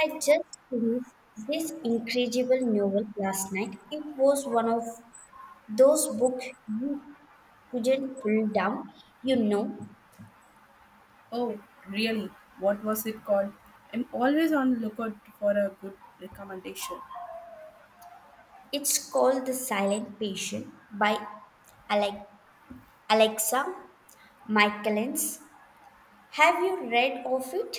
I just finished this incredible novel last night. It was one of those books you couldn't pull down. You know, Oh, really? What was it called? I'm always on lookout for a good recommendation. it's called The Silent Patient by Ale- Alexa Michaelis. Have you read of it?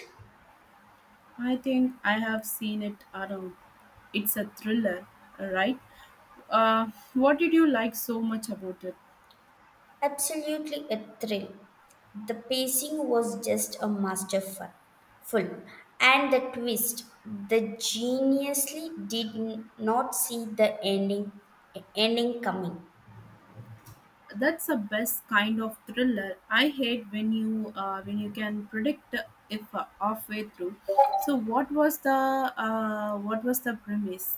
I think I have seen it around. It's a thriller, right? Uh, what did you like so much about it? Absolutely a thrill. The pacing was just a masterful, full, and the twist. The geniusly not see the ending coming. That's the best kind of thriller. I hate when you when you can predict if halfway through. So what was the premise?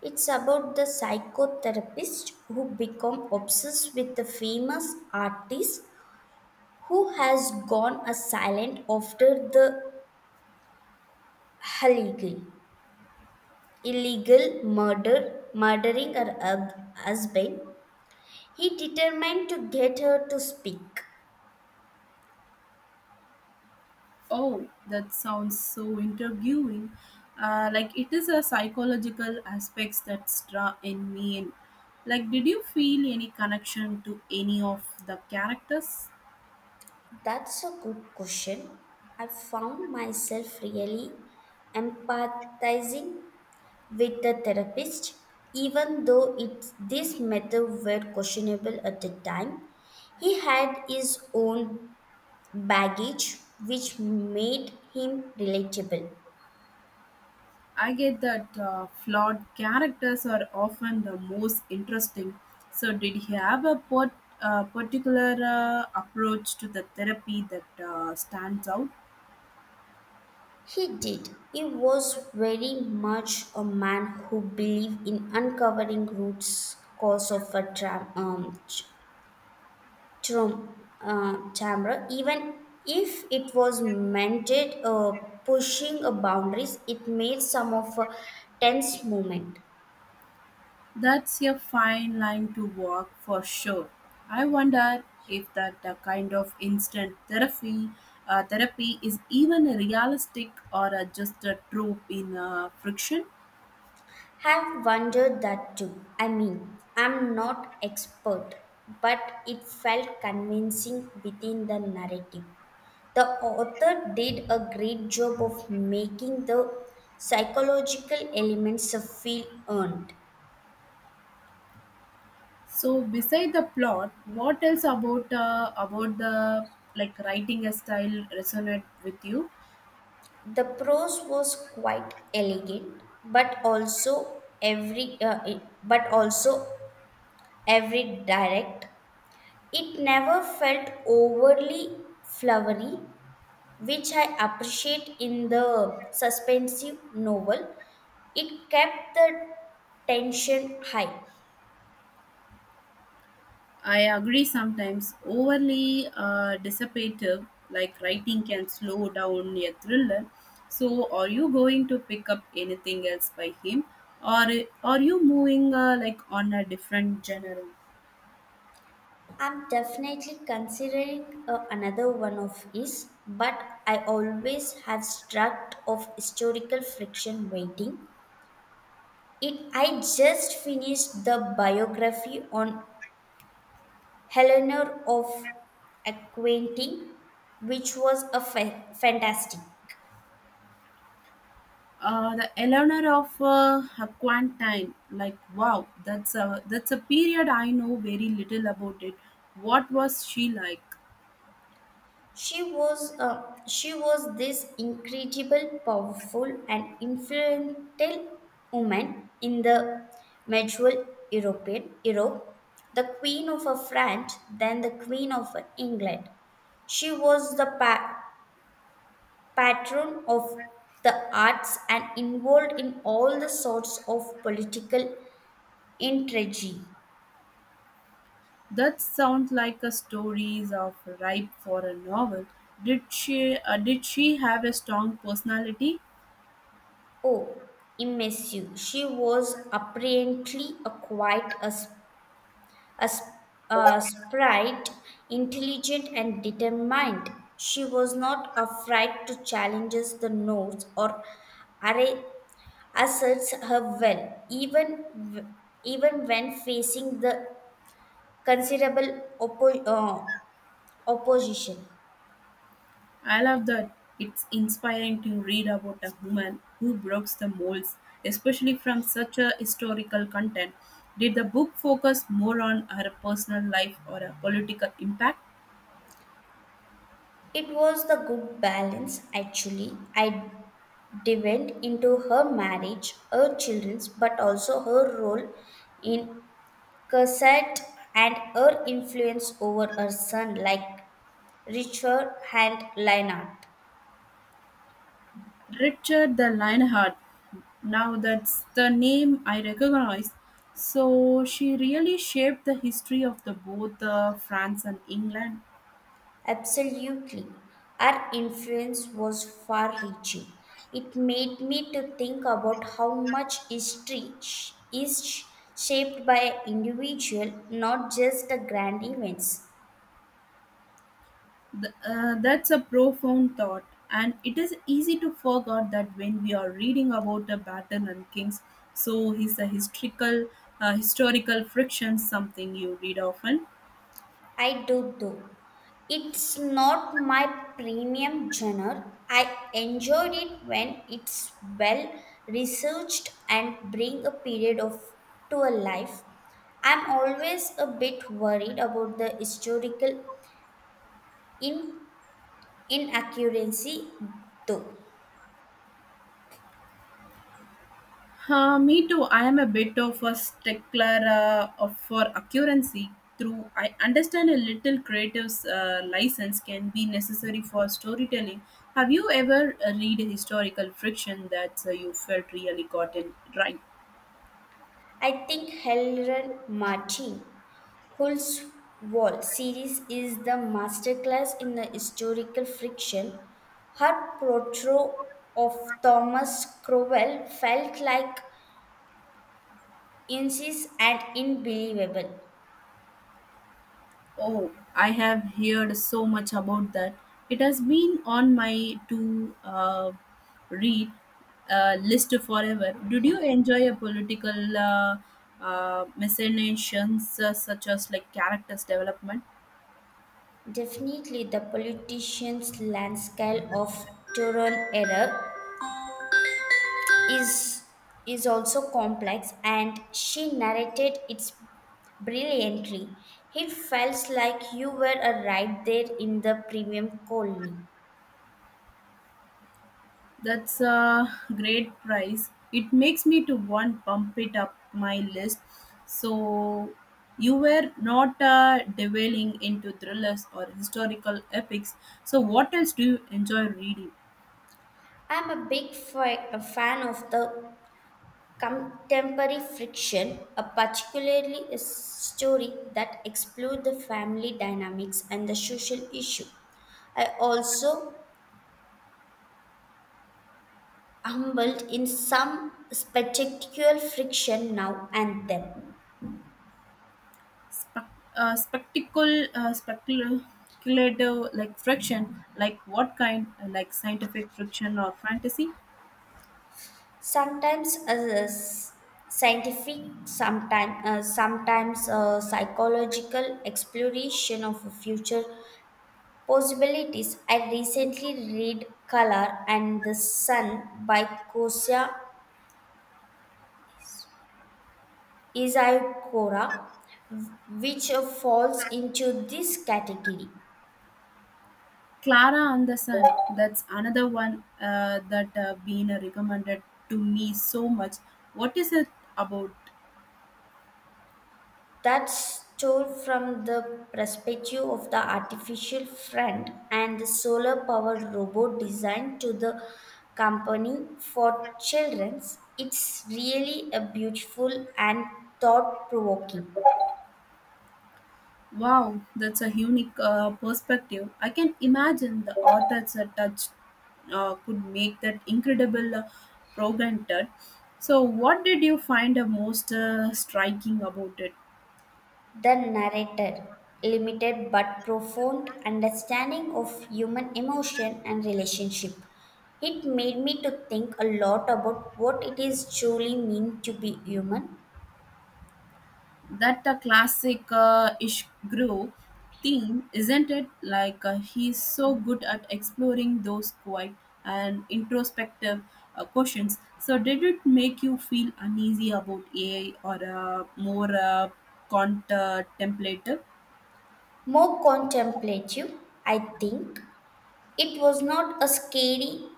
It's about the psychotherapist who become obsessed with the famous artist who has gone a silent after the illegal illegal murdering her husband. He determined to get her to speak. Oh, that sounds so intriguing. Like it is a psychological aspects that's draw in me. In. Like, did you feel any connection to any of the characters? That's a good question. I found myself really empathizing with the therapist, even though it, this method were questionable at the time. He had his own baggage, which made him relatable. I get that flawed characters are often the most interesting. So, did he have a particular approach to the therapy that stands out? He did. He was very much a man who believed in uncovering roots cause of a True, Tamra, even if it was meant it, pushing boundaries, it made some of a tense moment. That's a fine line to walk for sure. I wonder if that the kind of instant therapy is even a realistic or a, just a trope in friction. Have wondered that too. I mean, I'm not expert, but it felt convincing within the narrative. The author did a great job of making the psychological elements feel earned. So beside the plot, what else about the like writing a style resonate with you? The prose was quite elegant, but also every direct. It never felt overly flowery, which I appreciate in the suspensive novel. It kept the tension high. I agree sometimes overly dissipative, like writing can slow down a thriller. So, are you going to pick up anything else by him, or are you moving like on a different genre? I'm definitely considering another one of his, but I always have struck of historical fiction waiting. It, I just finished the biography on Eleanor of Aquitaine, which was a fantastic. The Eleanor of Aquantine, like wow, that's a period I know very little about it. What was she like? She was this incredible, powerful, and influential woman in the medieval Europe, the queen of France, then the queen of England. She was the patron of the arts and involved in all the sorts of political intrigue. That sounds like a stories of ripe for a novel. Did she have a strong personality? Oh, immersive. She was apparently a quite a, s- a s- a sprite, intelligent and determined. She was not afraid to challenge the notes or array asserts her well, even when facing the considerable opposition. I love that. It's inspiring to read about a woman who breaks the molds, especially from such a historical content. Did the book focus more on her personal life or a political impact? It was the good balance actually. I dived into her marriage, her children's, but also her role in Cassette and her influence over her son like Richard and Leonard. Richard the Lionheart. Now that's the name I recognize. So she really shaped the history of the both France and England. Absolutely. Our influence was far reaching. It made me to think about how much history sh- is sh- shaped by an individual, not just the grand events. That's a profound thought, and it is easy to forget that when we are reading about the battle and kings. So is the historical friction something you read often? I do though. It's not my premium genre. I enjoyed it when it's well researched and bring a period of to a life. I'm always a bit worried about the historical In inaccuracy, though. Me too. I am a bit of a stickler for accuracy. Through I understand a little creative license can be necessary for storytelling. Have you ever read a historical fiction that you felt really got it right? I think Helen Martin Wall series is the masterclass in the historical friction. Her portrayal of Thomas Cromwell felt like incisive and unbelievable. Oh, I have heard so much about that. It has been on my to read list forever. Did you enjoy a political machinations such as like characters development? Definitely the politician's landscape of Turon era is is also complex and she narrated it brilliantly. It felt like you were a right there in the premium colony. That's a great prize. It makes me to want bump it up my list. So you were not delving into thrillers or historical epics. So what else do you enjoy reading? I'm a fan of the contemporary fiction, a particularly a story that explore the family dynamics and the social issue. I also humbled in some spectacular friction now and then. spe- Speculative like friction, like what kind? Like scientific friction or fantasy. Sometimes s- scientific, sometimes psychological exploration of future possibilities. I recently read Color and the Sun by Kosia Isayakora, which falls into this category. Clara and the Sun, that's another one that been recommended to me so much. What is it about? That's told from the perspective of the artificial friend and the solar powered robot designed to the company for children. It's really a beautiful and thought provoking. Wow, that's a unique perspective. I can imagine the author's touch could make that incredible program turn. So, what did you find the most striking about it? The narrator, limited but profound understanding of human emotion and relationship. It made me to think a lot about what it is truly mean to be human. That a classic Ishgro theme, isn't it? He's so good at exploring those quiet and introspective questions. So, did it make you feel uneasy about AI or more contemplative? More contemplative, I think. It was not a scary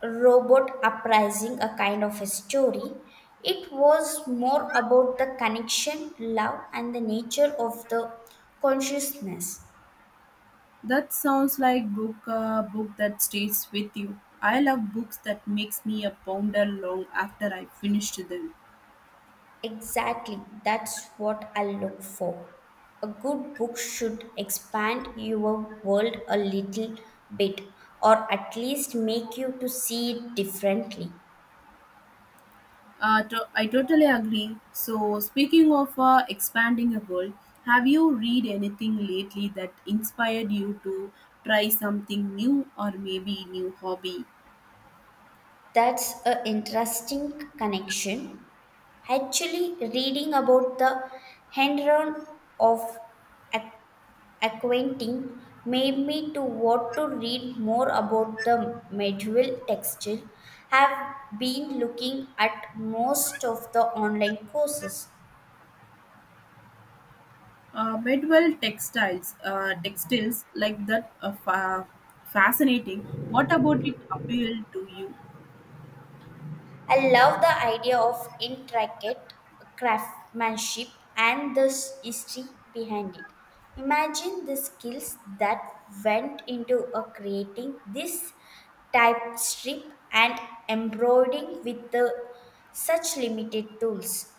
robot uprising, a kind of a story. It was more about the connection, love, and the nature of the consciousness. That sounds like book that stays with you. I love books that makes me a ponder long after I finished them. Exactly, that's what I look for. A good book should expand your world a little bit or at least make you to see it differently. I totally agree. So, speaking of expanding a world, have you read anything lately that inspired you to try something new or maybe new hobby? That's a interesting connection. Actually, reading about the Henron of Ac- Aquentin made me to want to read more about the medieval textile. Have been looking at most of the online courses. Bedwell textiles, textiles like that are fascinating. What about it appealed to you? I love the idea of intricate craftsmanship and history behind it. Imagine the skills that went into creating this type strip and embroidering with the, such limited tools.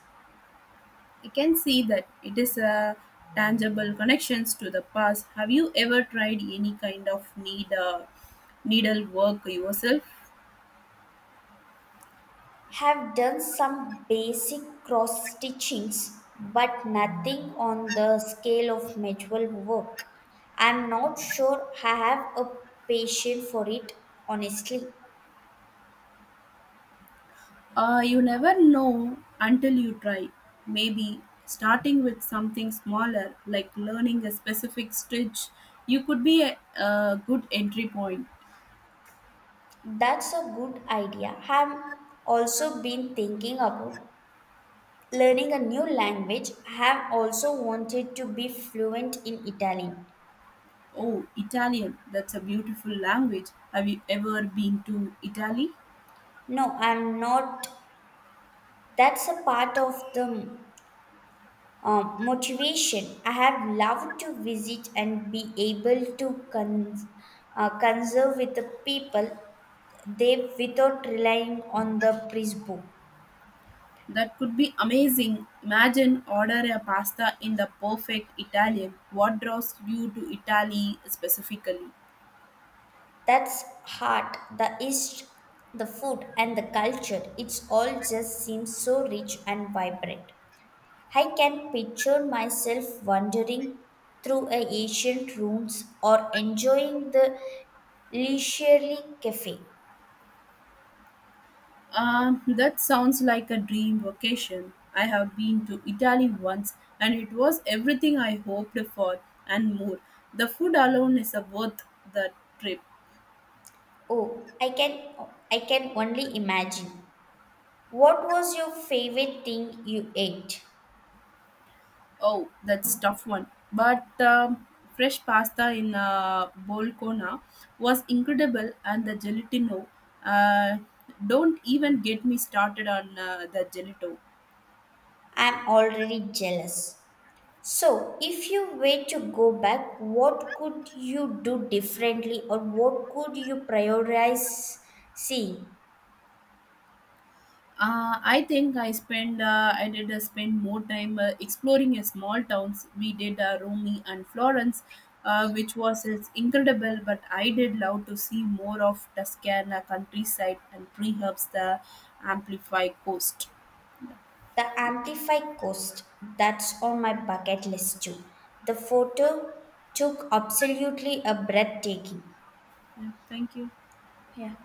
I can see that it is a tangible connections to the past. Have you ever tried any kind of needle work yourself? Have done some basic cross stitchings, but nothing on the scale of medieval work. I'm not sure I have a patience for it, honestly. You never know until you try. Maybe starting with something smaller, like learning a specific stitch, you could be a good entry point. That's a good idea. I've also been thinking about learning a new language. I have also wanted to be fluent in Italian. Oh, Italian, that's a beautiful language. Have you ever been to Italy? No, I'm not. That's a part of the motivation. I have loved to visit and be able to conserve with the people they without relying on the Prisbo. That could be amazing. Imagine order a pasta in the perfect Italian. What draws you to Italy specifically? That's heart, the East, the food, and the culture. It's all just seems so rich and vibrant. I can picture myself wandering through a ancient ruins or enjoying the leisurely cafe. That sounds like a dream vacation. I have been to Italy once and it was everything I hoped for and more. The food alone is a worth the trip. Oh, I can only imagine. What was your favorite thing you ate? Oh, that's tough one. But fresh pasta in Bolcona was incredible and the gelatino. Uh, don't even get me started on the gelato. I'm already jealous. So, if you were to go back, what could you do differently or what could you prioritize? See. I think I did spend more time exploring a small towns. We did Rome and Florence, which was it's incredible. But I did love to see more of Tuscana countryside and perhaps the Amplify coast. Yeah. The Amplify Coast, that's on my bucket list too. The photo took absolutely a breathtaking. Yeah. Thank you. Yeah.